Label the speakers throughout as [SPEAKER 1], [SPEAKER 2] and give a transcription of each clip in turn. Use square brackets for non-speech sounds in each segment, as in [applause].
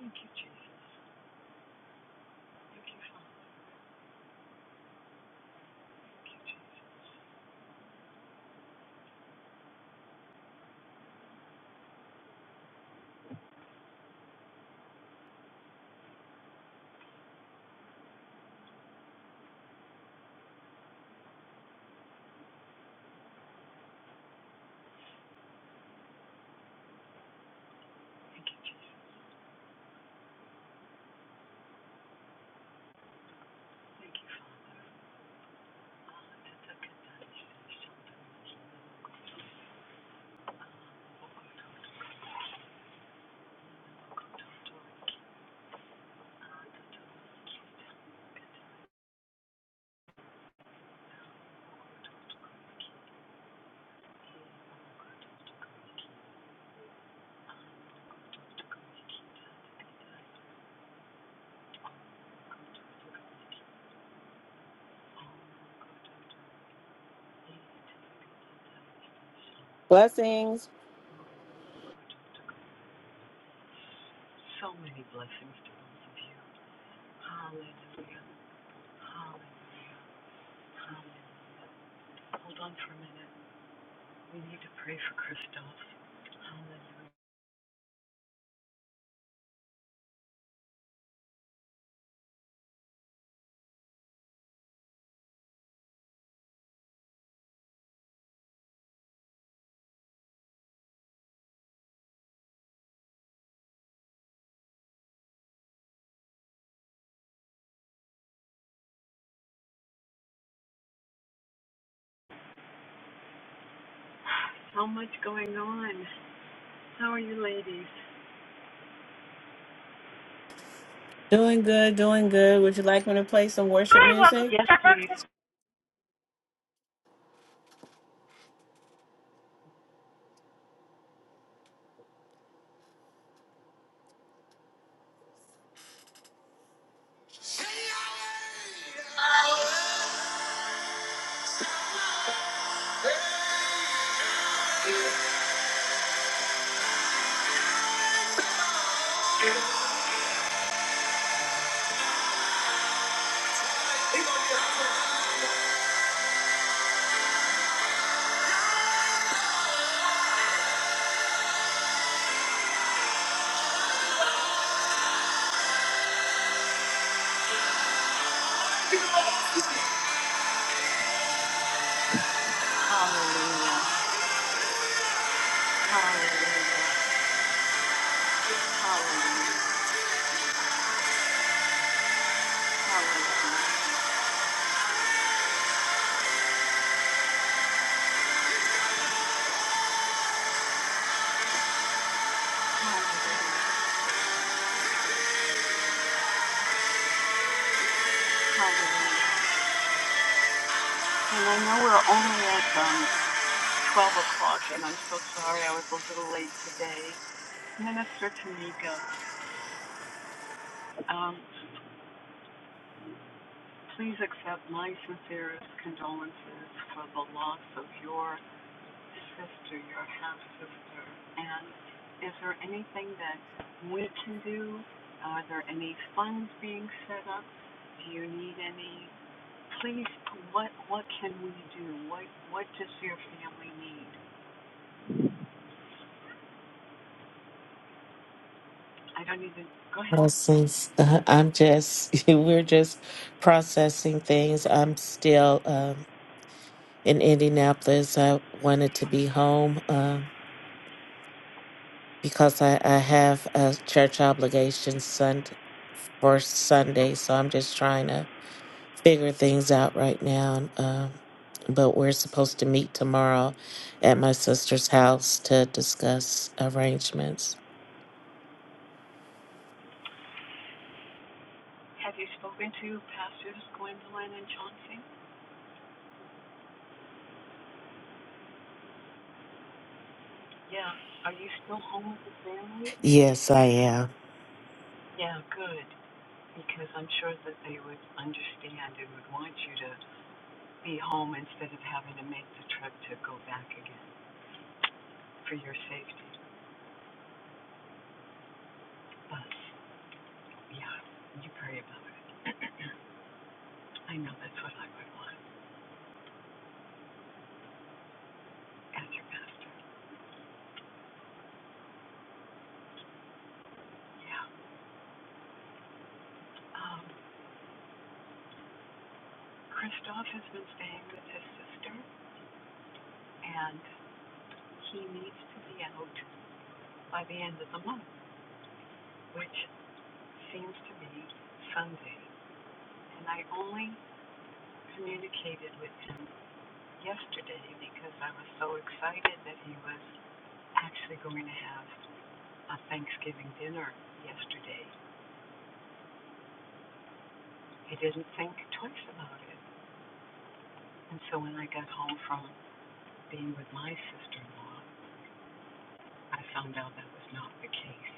[SPEAKER 1] Thank you, Jesus. Thank you, Father. Thank you, Jesus.
[SPEAKER 2] Blessings.
[SPEAKER 1] So many blessings to both of you. Hallelujah. Hallelujah. Hallelujah. Hold on for a minute. We need to pray for Christoph. Hallelujah. So much going on. How are you ladies?
[SPEAKER 2] Doing good, doing good. Would you like me to play some worship
[SPEAKER 1] Hi, welcome.
[SPEAKER 2] music?
[SPEAKER 1] Yes, please. Hallelujah. Hallelujah. Hallelujah. Hallelujah. Hallelujah. Hallelujah. And I know we're only at um, 12 o'clock, and I'm so sorry I was a little late today. Minister Tamika, um, please accept my sincerest condolences for the loss of your sister, your half sister. And is there anything that we can do? Are there any funds being set up? Do you need any? Please, what what can we do? What what does your family need? I don't even, go ahead.
[SPEAKER 3] Blessings. Uh, I'm just, [laughs] we're just processing things. I'm still um, in Indianapolis. I wanted to be home um, because I, I have a church obligation sun, for Sunday. So I'm just trying to figure things out right now. Um, but we're supposed to meet tomorrow at my sister's house to discuss arrangements.
[SPEAKER 1] Have you spoken to pastors Gwendolyn and Chauncey? Yeah. Are you still home with the family?
[SPEAKER 3] Yes, I am.
[SPEAKER 1] Yeah, good. Because I'm sure that they would understand and would want you to be home instead of having to make the trip to go back again for your safety. But, yeah, you pray about it. [clears throat] I know that's what I would want as your pastor. Yeah. Um, Christoph has been staying with his sister, and he needs to be out by the end of the month, which seems to be Sunday. And I only communicated with him yesterday because I was so excited that he was actually going to have a Thanksgiving dinner yesterday. I didn't think twice about it. And so when I got home from being with my sister in law, I found out that was not the case.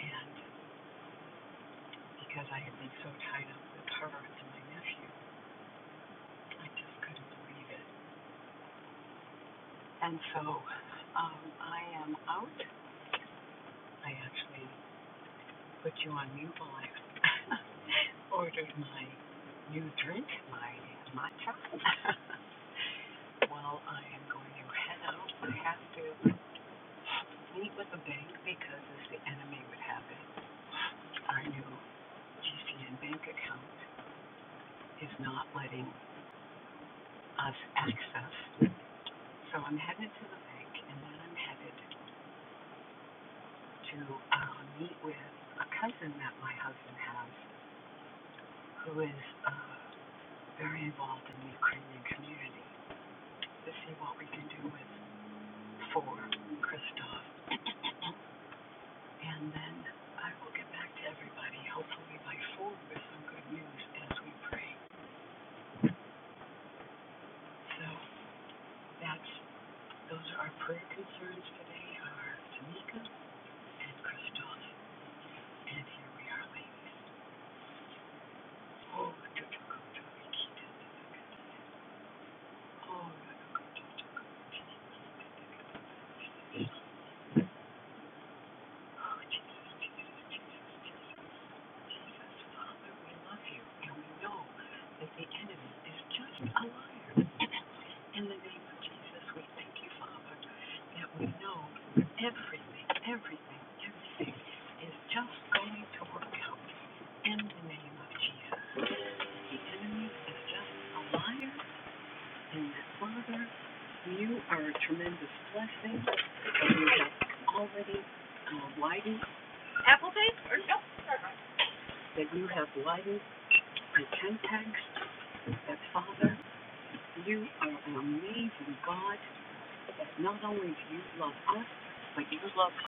[SPEAKER 1] And because I had been so tied up with her and my nephew, I just couldn't believe it. And so um, I am out. I actually put you on mute while I [laughs] ordered my new drink, my matcha. [laughs] Well, I am going to head out, I have to meet with a bank because, as the enemy would have it, our new GCN bank account is not letting us access. So I'm headed to the bank, and then I'm headed to uh, meet with a cousin that my husband has who is uh, very involved in the Ukrainian community, to see what we can do with for Christoph. And then I will get back to everybody, hopefully by four, with some good news as we pray. So that's those are our prayer concerns today are Tamika and Christoph. And here we are, ladies. Oh, Oh, Jesus, Jesus, Jesus. Jesus. Father, we love you, and we know that the enemy is just a liar. In the name of Jesus, we thank you, Father, that we know everything, everything, everything is just going to work out. In the name of Jesus, the enemy is just a liar, and that, Father, you are a tremendous blessing, and you have already uh, widened Applegate or no? that you have widened the syntax that Father, you are an amazing God that not only do you love us, but you love us.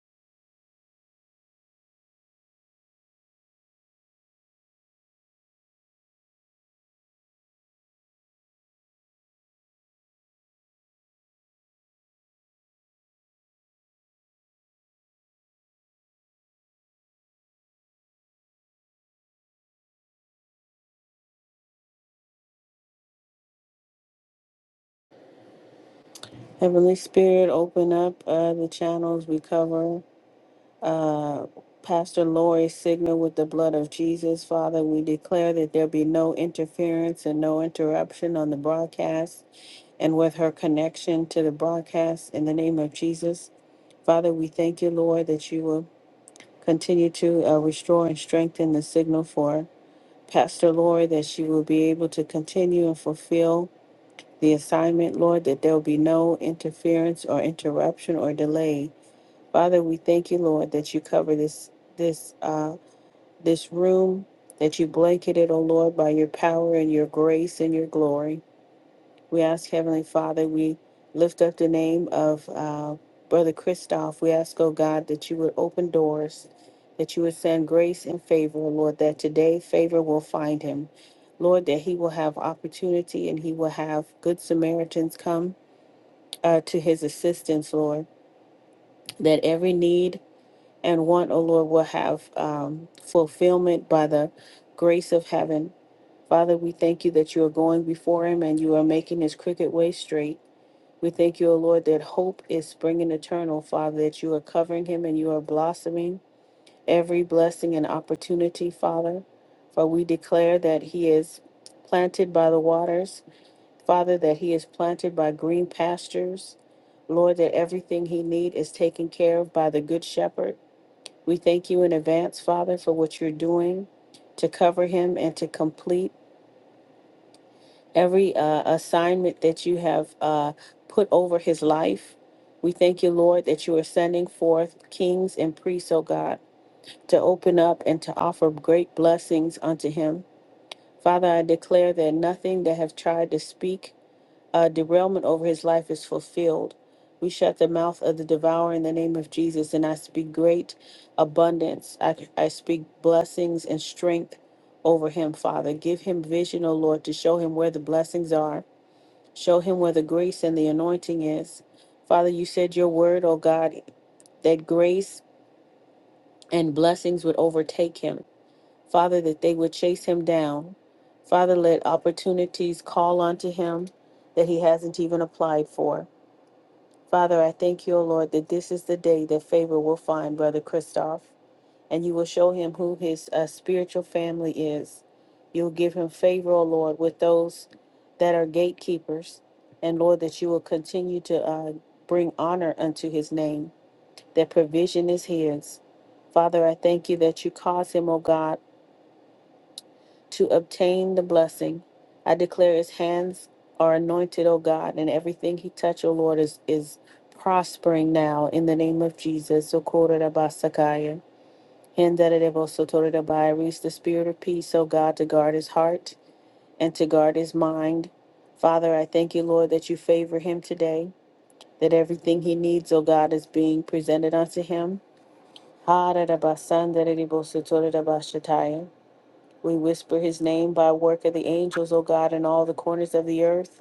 [SPEAKER 2] Heavenly Spirit, open up uh, the channels we cover. Uh, Pastor Lori, signal with the blood of Jesus. Father, we declare that there be no interference and no interruption on the broadcast and with her connection to the broadcast in the name of Jesus. Father, we thank you, Lord, that you will continue to uh, restore and strengthen the signal for Pastor, Lord, that she will be able to continue and fulfill the assignment, Lord, that there will be no interference or interruption or delay. Father, we thank you, Lord, that you cover this this uh this room, that you blanket it, O Lord, by your power and your grace and your glory. We ask, Heavenly Father, we lift up the name of uh, Brother Christoph. We ask, oh God, that you would open doors, that you would send grace and favor, oh Lord, that today favor will find him. Lord, that he will have opportunity and he will have good Samaritans come uh, to his assistance, Lord, that every need and want, oh Lord, will have um, fulfillment by the grace of heaven. Father, we thank you that you are going before him and you are making his crooked way straight. We thank you, O Lord, that hope is springing eternal, Father, that you are covering him and you are blossoming every blessing and opportunity, Father. For we declare that he is planted by the waters, Father, that he is planted by green pastures. Lord, that everything he need is taken care of by the good shepherd. We thank you in advance, Father, for what you're doing to cover him and to complete every uh, assignment that you have uh, put over his life. We thank you, Lord, that you are sending forth kings and priests, O God, to open up and to offer great blessings unto him. Father, I declare that nothing that have tried to speak uh, derailment over his life is fulfilled. We shut the mouth of the devourer in the name of Jesus, and I speak great abundance. I, I speak blessings and strength over him, Father. Give him vision, O Lord, to show him where the blessings are Show him where the grace and the anointing is. Father, you said your word, oh God, that grace and blessings would overtake him. Father, that they would chase him down. Father, let opportunities call unto him that he hasn't even applied for. Father, I thank you, O Lord, that this is the day that favor will find Brother Christoph and you will show him who his uh, spiritual family is. You'll give him favor, O Lord, with those that are gatekeepers, and Lord, that you will continue to uh, bring honor unto his name, that provision is his. Father, I thank you that you cause him, O God, to obtain the blessing. I declare his hands are anointed, O God, and everything he touch, O Lord, is, is prospering now in the name of Jesus. Socorro Rabasakaya. And that it also the spirit of peace, O God, to guard his heart and to guard his mind. Father, I thank you, Lord, that you favor him today, that everything he needs, O God, is being presented unto him. Ha, da, da, ba, san, da, da, di, bo, so, We whisper his name by work of the angels, O God, in all the corners of the earth.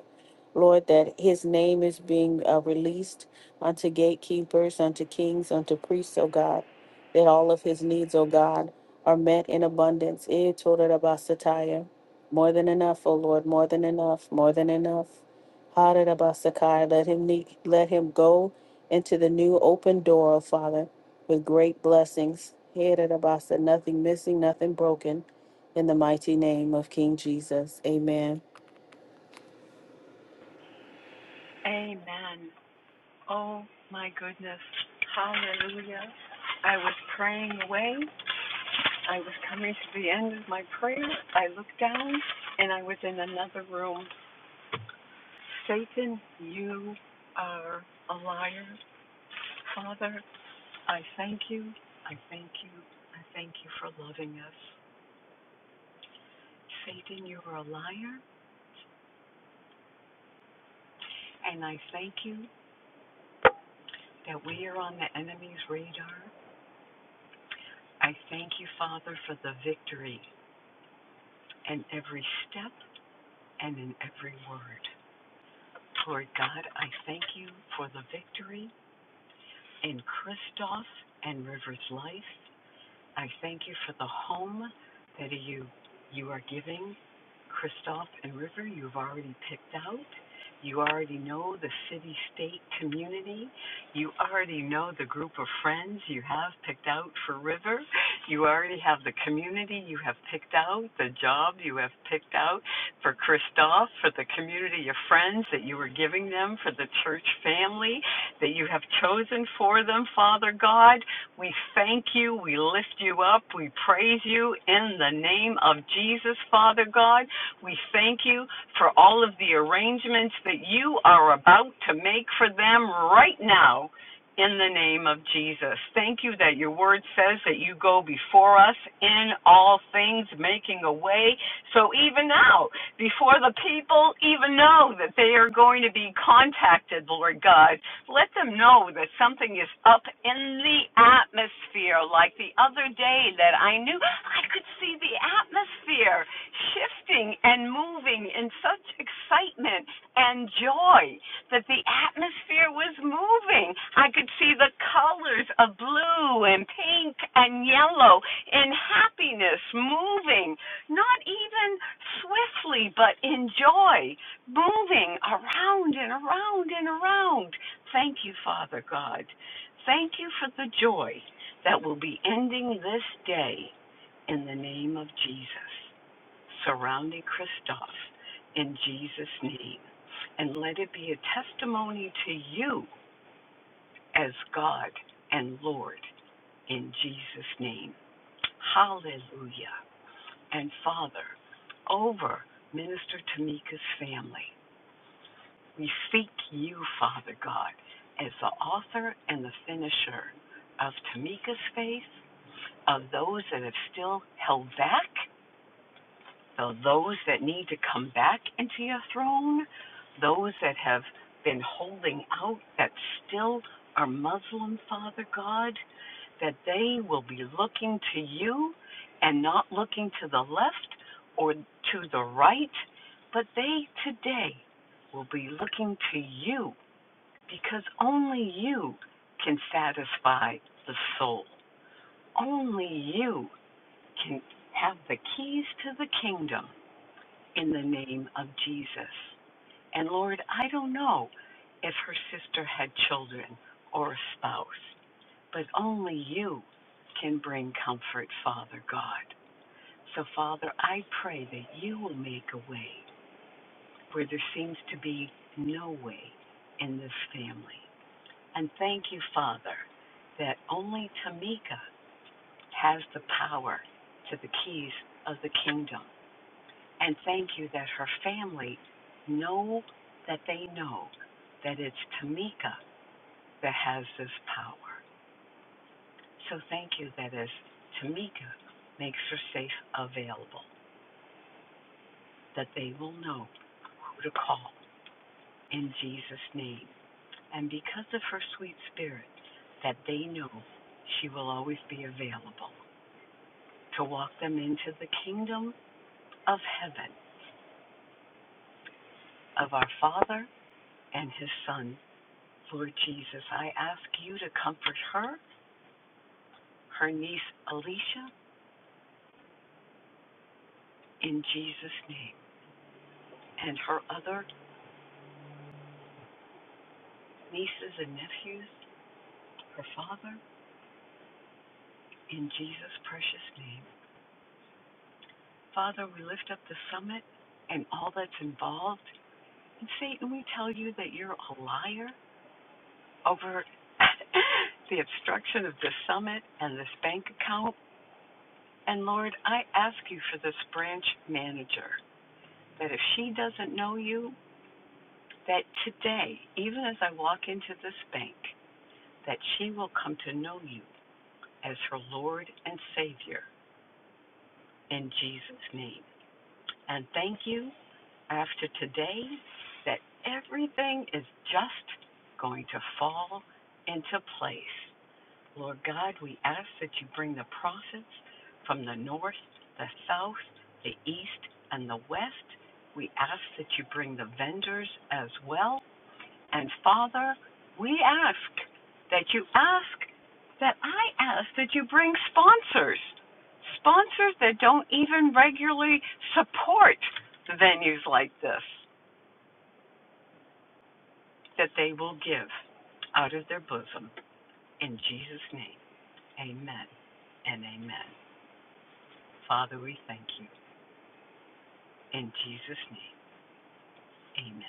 [SPEAKER 2] Lord, that his name is being uh, released unto gatekeepers, unto kings, unto priests, oh God, that all of his needs, oh God, are met in abundance. Eh, Torarabasataya. More than enough, oh Lord, more than enough, more than enough. Hararabasakai. Let him ne- let him go into the new open door, oh Father, with great blessings. Herarabasa. Nothing missing, nothing broken. In the mighty name of King Jesus. Amen.
[SPEAKER 1] Amen. Oh my goodness. Hallelujah. I was praying away. I was coming to the end of my prayer. I looked down and I was in another room. Satan, you are a liar. Father, I thank you. I thank you. I thank you for loving us. Satan, you are a liar, and I thank you that we are on the enemy's radar. I thank you, Father, for the victory in every step and in every word. Lord God, I thank you for the victory in Christoph and River's life. I thank you for the home that you you are giving Christoph and River. You've already picked out. You already know the city, state, community. You already know the group of friends you have picked out for River. You already have the community you have picked out, the job you have picked out for Christoph, for the community of friends that you were giving them, for the church family that you have chosen for them, Father God. We thank you. We lift you up. We praise you in the name of Jesus, Father God. We thank you for all of the arrangements that you are about to make for them right now in the name of Jesus. Thank you that your word says that you go before us in all things, making a way. So even now, before the people even know that they are going to be contacted, Lord God, let them know that something is up in the atmosphere. Like the other day, that I knew I could see the atmosphere shifting and moving in such excitement and joy that the atmosphere was moving. I could see the colors of blue and pink and yellow in happiness moving, not even swiftly, but in joy, moving around and around and around. Thank you, Father God. Thank you for the joy that will be ending this day in the name of Jesus, surrounding Christoph in Jesus' name. And let it be a testimony to you as God and Lord in Jesus' name. Hallelujah. And Father, over Minister Tamika's family. We seek you, Father God, as the author and the finisher of Tamika's faith, of those that have still held back, of those that need to come back into your throne, those that have been holding out that still are Muslim, Father God, that they will be looking to you and not looking to the left or to the right, but they today will be looking to you because only you can satisfy the soul. Only you can have the keys to the kingdom in the name of Jesus. And Lord, I don't know if her sister had children or a spouse, but only you can bring comfort, Father God. So, Father, I pray that you will make a way where there seems to be no way in this family. And thank you, Father, that only Tamika has the power to the keys of the kingdom. And thank you that her family know that they know that it's Tamika that has this power. So thank you that as Tamika makes her safe available, that they will know who to call in Jesus' name. And because of her sweet spirit, that they know she will always be available to walk them into the kingdom of heaven of our Father and His Son, Lord Jesus. I ask you to comfort her, her niece Alicia, in Jesus' name, and her other nieces and nephews, her father, in Jesus' precious name. Father, we lift up the summit and all that's involved. And Satan, we tell you that you're a liar over [laughs] the obstruction of the summit and this bank account. And Lord, I ask you for this branch manager that if she doesn't know you, that today, even as I walk into this bank, that she will come to know you as her Lord and Savior in Jesus' name. And thank you after today that everything is just going to fall into place Lord God, we ask that you bring the prophets from the north, the south, the east, and the west. We ask that you bring the vendors as well. And Father, we ask that you ask that I ask that you bring sponsors, sponsors that don't even regularly support venues like this, that they will give out of their bosom. In Jesus' name, amen and amen. Father, we thank you. In Jesus' name, amen.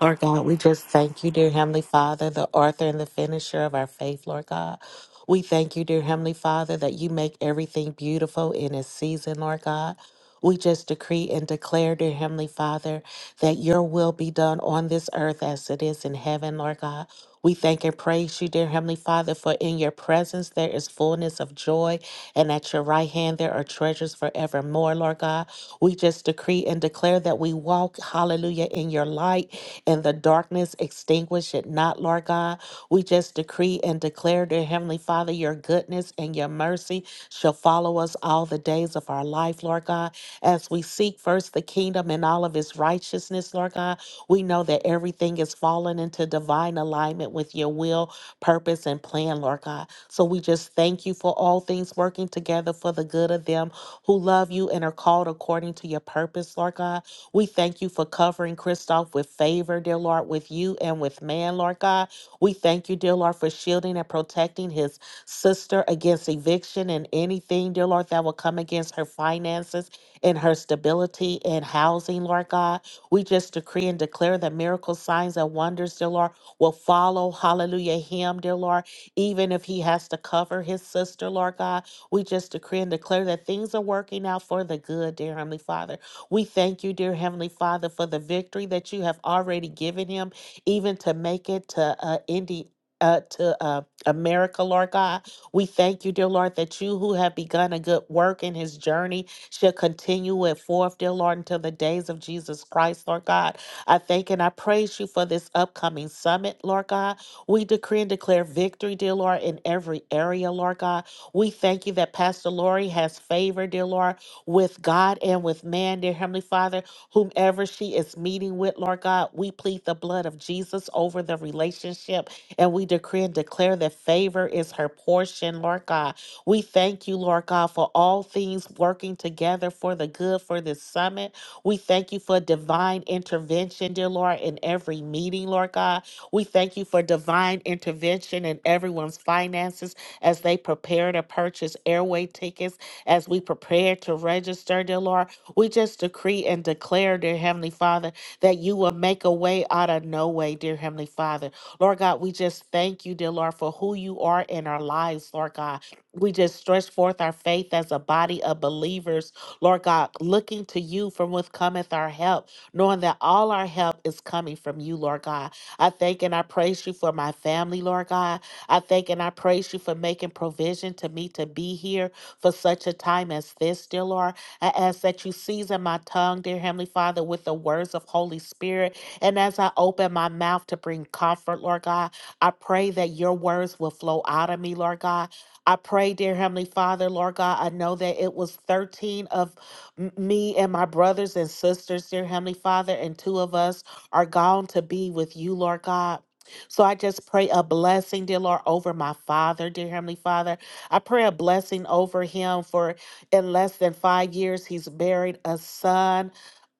[SPEAKER 3] Lord God, we just thank you, dear Heavenly Father, the author and the finisher of our faith, Lord God. We thank you, dear Heavenly Father, that you make everything beautiful in its season, Lord God. We just decree and declare, dear Heavenly Father, that your will be done on this earth as it is in heaven, Lord God. We thank and praise you, dear Heavenly Father, for in your presence there is fullness of joy, and at your right hand there are treasures forevermore, Lord God. We just decree and declare that we walk, hallelujah, in your light and the darkness extinguish it not, Lord God. We just decree and declare, dear Heavenly Father, your goodness and your mercy shall follow us all the days of our life, Lord God as we seek first the kingdom and all of his righteousness, Lord God, we know that everything is falling into divine alignment with your will, purpose, and plan, Lord God. So we just thank you for all things working together for the good of them who love you and are called according to your purpose, Lord God. We thank you for covering Christoph with favor, dear Lord, with you and with man, Lord God. We thank you, dear Lord, for shielding and protecting his sister against eviction and anything, dear Lord, that will come against her finances in her stability in housing, Lord God. We just decree and declare that miracles, signs, and wonders, dear Lord, will follow, hallelujah, him, dear Lord, even if he has to cover his sister, Lord God. We just decree and declare that things are working out for the good, dear Heavenly Father. We thank you, dear Heavenly Father, for the victory that you have already given him, even to make it to uh, Indy. Uh, to uh, America, Lord God. We thank you, dear Lord, that you who have begun a good work in his journey shall continue and forth, dear Lord, until the days of Jesus Christ, Lord God. I thank and I praise you for this upcoming summit, Lord God. We decree and declare victory, dear Lord, in every area, Lord God. We thank you that Pastor Lori has favor, dear Lord, with God and with man, dear Heavenly Father, whomever she is meeting with, Lord God. We plead the blood of Jesus over the relationship and we decree and declare that favor is her portion, Lord God. We thank you, Lord God, for all things working together for the good for this summit. We thank you for divine intervention, dear Lord, in every meeting, Lord God. We thank you for divine intervention in everyone's finances as they prepare to purchase airway tickets, as we prepare to register, dear Lord. We just decree and declare, dear Heavenly Father, that you will make a way out of no way, dear Heavenly Father Lord God, we just thank you, dear Lord, for who you are in our lives, Lord God. We just stretch forth our faith as a body of believers, Lord God, looking to you from whence cometh our help, knowing that all our help is coming from you, Lord God. I thank and I praise you for my family, Lord God. I thank and I praise you for making provision to me to be here for such a time as this, dear Lord. I ask that you season my tongue, dear Heavenly Father, with the words of Holy Spirit and as I open my mouth to bring comfort, Lord God, I pray that your words will flow out of me, Lord God. I pray, dear Heavenly Father, Lord God, I know that it was 13 of m- me and my brothers and sisters, dear Heavenly Father, and two of us are gone to be with you, Lord God. So I just pray a blessing, dear Lord, over my father, dear Heavenly Father. I pray a blessing over him for in less than five years, he's buried a son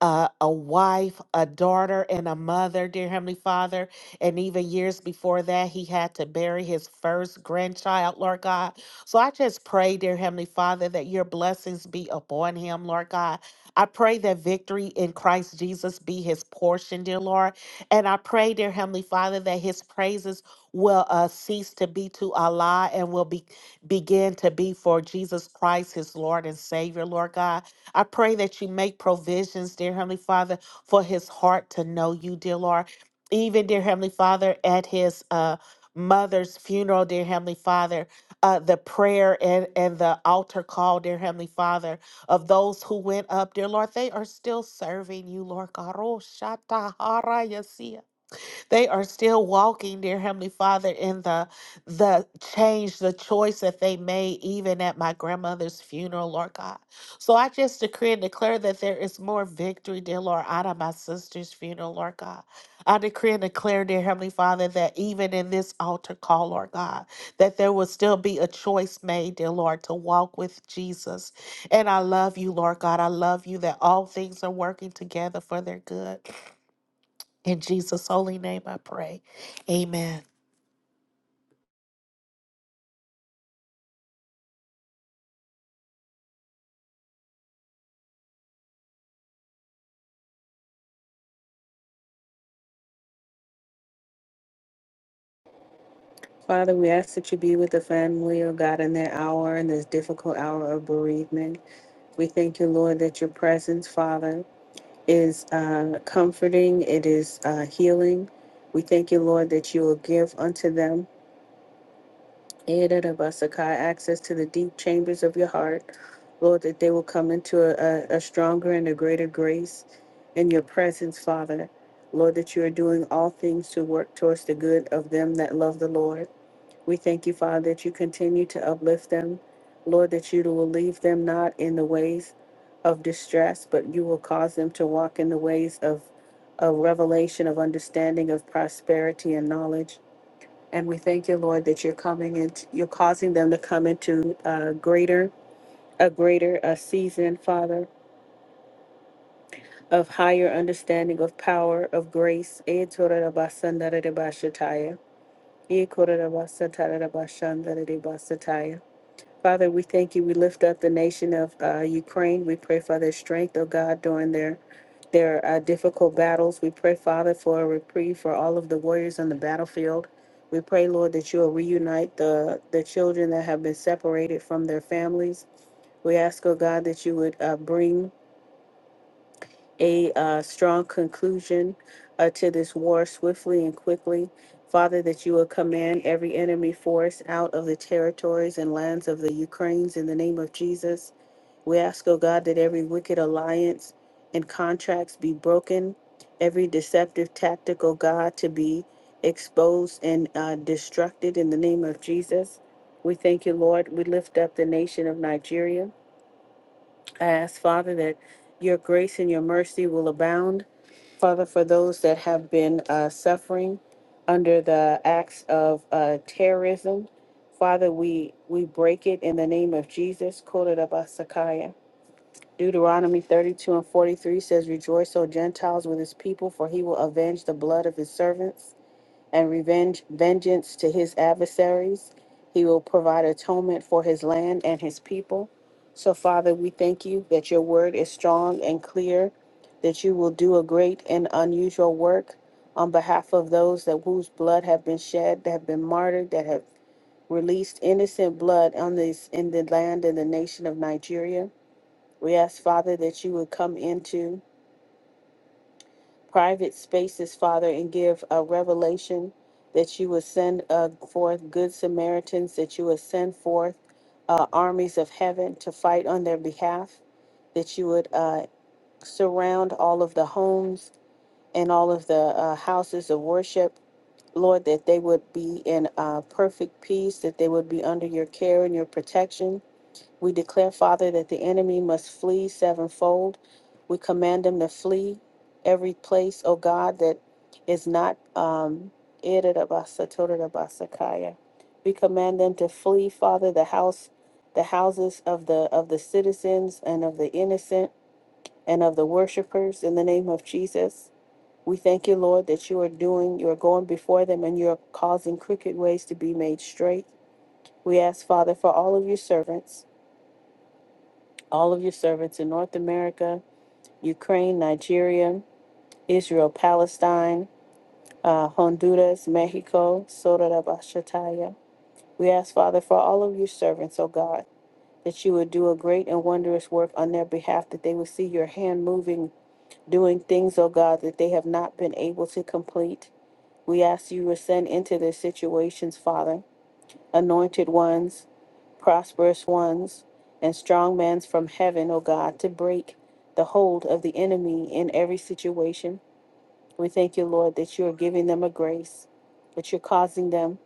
[SPEAKER 3] uh, a wife, a daughter, and a mother, dear Heavenly Father. And even years before that, he had to bury his first grandchild, Lord God. So I just pray, dear Heavenly Father, that your blessings be upon him, Lord God. I pray that victory in Christ Jesus be his portion, dear Lord. And I pray, dear Heavenly Father, that his praises will uh, cease to be to Allah and will be begin to be for Jesus Christ, his Lord and Savior, Lord God. I pray that you make provisions, dear Heavenly Father, for his heart to know you, dear Lord. Even, dear Heavenly Father, at his uh, mother's funeral, dear Heavenly Father, uh, the prayer and, and the altar call, dear Heavenly Father, of those who went up, dear Lord, they are still serving you, Lord God. Oh, Shata Hara they are still walking, dear Heavenly Father, in the the change, the choice that they made even at my grandmother's funeral, Lord God. So I just decree and declare that there is more victory, dear Lord, out of my sister's funeral, Lord God. I decree and declare, dear Heavenly Father, that even in this altar call, Lord God, that there will still be a choice made, dear Lord, to walk with Jesus. And I love you, Lord God. I love you that all things are working together for their good. In Jesus' holy name I pray. Amen.
[SPEAKER 2] Father, we ask that you be with the family, oh God, in that hour, in this difficult hour of bereavement. We thank you, Lord, that your presence, Father, is uh, comforting, it is uh, healing. We thank you, Lord, that you will give unto them, Edadabasakai, access to the deep chambers of your heart. Lord, that they will come into a, a, a stronger and a greater grace in your presence, Father. Lord, that you are doing all things to work towards the good of them that love the Lord. We thank you, Father, that you continue to uplift them. Lord, that you will leave them not in the ways of distress, but you will cause them to walk in the ways of, of revelation, of understanding, of prosperity and knowledge. And we thank you, Lord, that you're coming in, you're causing them to come into a greater, a greater a season, Father, of higher understanding of power, of grace. Eh, torarabasandaratabashataya. Eh, korarabasataratabashandaratibasataya. Father, we thank you. We lift up the nation of uh, Ukraine. We pray for their strength, oh God, during their their uh, difficult battles. We pray, Father, for a reprieve for all of the warriors on the battlefield. We pray, Lord, that you will reunite the the children that have been separated from their families. We ask, oh God, that you would uh, bring a uh, strong conclusion uh, to this war swiftly and quickly. Father, that you will command every enemy force out of the territories and lands of the Ukraines in the name of Jesus. We ask, O God, that every wicked alliance and contracts be broken, every deceptive tactic, O God, to be exposed and uh, destructed in the name of Jesus. We thank you, Lord. We lift up the nation of Nigeria. I ask, Father, that your grace and your mercy will abound Father, for those that have been uh, suffering under the acts of uh, terrorism, Father, we, we break it in the name of Jesus. Kodarabasakaya. Deuteronomy 32 and 43 says, Rejoice, O Gentiles, with his people, for he will avenge the blood of his servants and revenge vengeance to his adversaries. He will provide atonement for his land and his people. So, Father, we thank you that your word is strong and clear, that you will do a great and unusual work on behalf of those that whose blood have been shed, that have been martyred, that have released innocent blood on this in the land and the nation of Nigeria. We ask, Father, that you would come into private spaces, Father, and give a revelation that you will send uh, forth good Samaritans, that you will send forth uh, armies of heaven to fight on their behalf, that you would uh, surround all of the homes and all of the uh, houses of worship, Lord, that they would be in uh, perfect peace, that they would be under your care and your protection we declare, Father, that the enemy must flee sevenfold. We command him to flee every place, oh God, that is not um Irerabasa, We command them to flee, Father, the house, the houses of the of the citizens and of the innocent and of the worshipers in the name of Jesus. We thank you, Lord, that you are doing, you are going before them and you're causing crooked ways to be made straight. We ask, Father, for all of your servants all of your servants in North America, Ukraine, Nigeria, Israel, Palestine, uh, Honduras, Mexico, Sotarabashataya. We ask, Father, for all of your servants, O God, that you would do a great and wondrous work on their behalf, that they would see your hand moving, doing things, O God, that they have not been able to complete. We ask you to send into their situations, Father, anointed ones, prosperous ones, and strong men from heaven, O God, to break the hold of the enemy in every situation. We thank you, Lord, that you are giving them a grace, that you're causing them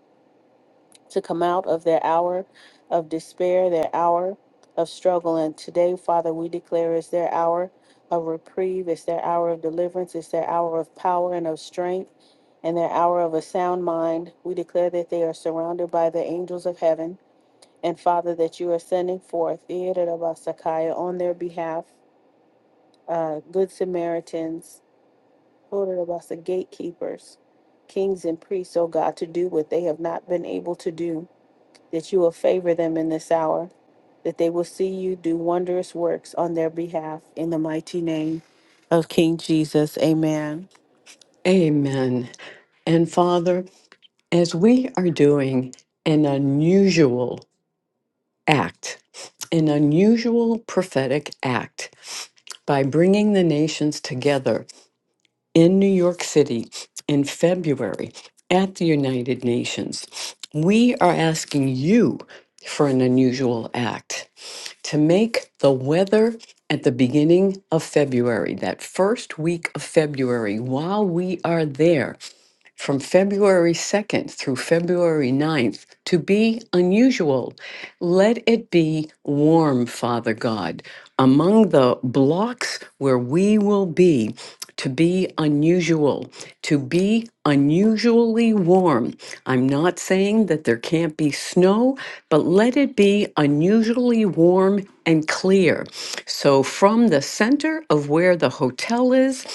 [SPEAKER 2] to come out of their hour of despair, their hour of struggle. And today, Father, we declare is their hour of reprieve, it's their hour of deliverance, it's their hour of power and of strength, and their hour of a sound mind. We declare that they are surrounded by the angels of heaven and Father, that you are sending forth Sakaya on their behalf, uh, good Samaritans, Irabasa gatekeepers, kings and priests, oh God, to do what they have not been able to do, that you will favor them in this hour, that they will see you do wondrous works on their behalf in the mighty name of King Jesus. Amen.
[SPEAKER 1] Hallelujah. Amen. And Father, as we are doing an unusual act, an unusual prophetic act by bringing the nations together. in New York City in February at the United Nations, we are asking you for an unusual act to make the weather at the beginning of February, that first week of February, while we are there from February 2nd through February ninth, to be unusual. Let it be warm, Father God, among the blocks where we will be. To be unusual, to be unusually warm. I'm not saying that there can't be snow, but let it be unusually warm and clear clear. So from the center of where the hotel is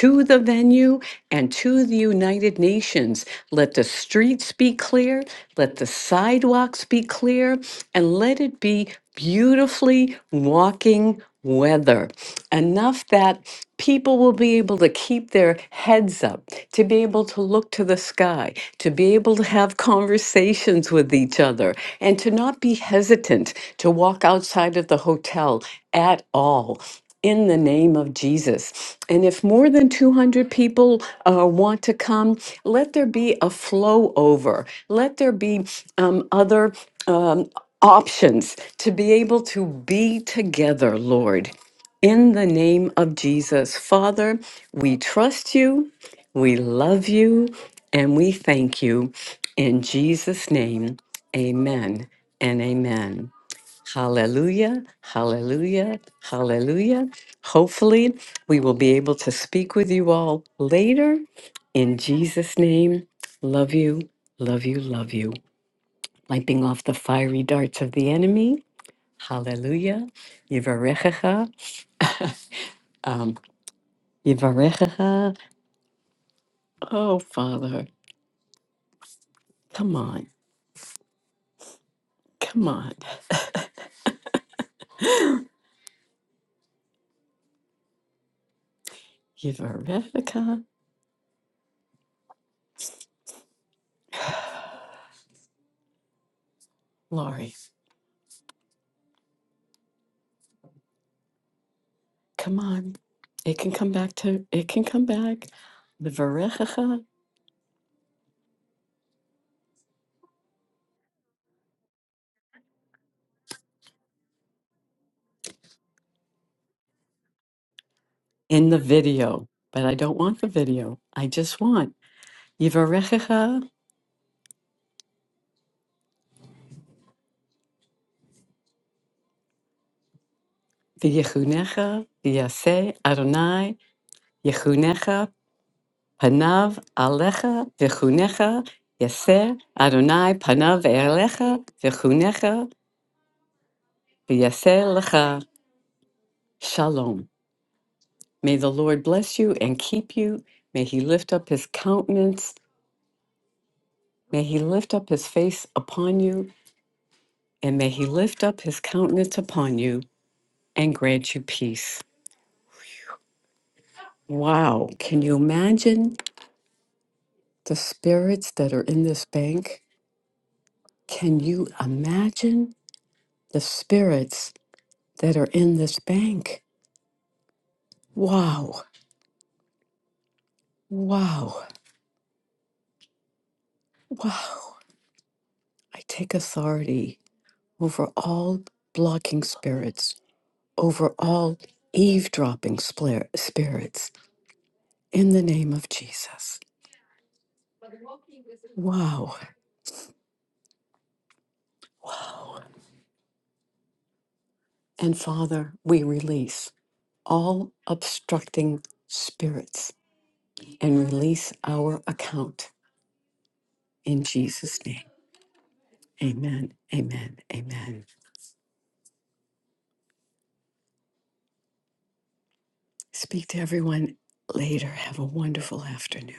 [SPEAKER 1] to the venue and to the United Nations, let the streets be clear, let the sidewalks be clear, and let it be beautifully walking weather. Enough that people will be able to keep their heads up, to be able to look to the sky, to be able to have conversations with each other, and to not be hesitant to walk outside of the hotel at all in the name of Jesus. And if more than 200 people uh, want to come, let there be a flow over. Let there be um, other um, options to be able to be together, Lord. In the name of Jesus. Father, we trust you, we love you, and we thank you. In Jesus' name, amen and amen. Hallelujah, hallelujah, hallelujah. Hopefully, we will be able to speak with you all later. In Jesus' name, love you, love you, love you. Wiping off the fiery darts of the enemy. Hallelujah. Yivarechecha. [laughs] um, Yivarechecha. Oh, Father, come on, come on. [laughs] Yivarechecha. Lori, come on. It can come back to, it can come back. Yivarechecha. in the video, but I don't want the video. I just want Yivarechecha v'yechunecha v'yaseh Adonai yechunecha panav alecha v'chunecha yaseh Adonai panav alecha v'chunecha v'yaseh lecha shalom. May the Lord bless you and keep you. May he lift up his countenance. May he lift up his face upon you, and may he lift up his countenance upon you and grant you peace. Wow. Can you imagine the spirits that are in this bank? Can you imagine the spirits that are in this bank? Wow. Wow. Wow. I take authority over all blocking spirits, over all eavesdropping splare- spirits in the name of Jesus. Wow. Wow. And Father, we release all obstructing spirits and release our account in Jesus' name. Amen. Amen. Amen. Speak to everyone later. Have a wonderful afternoon.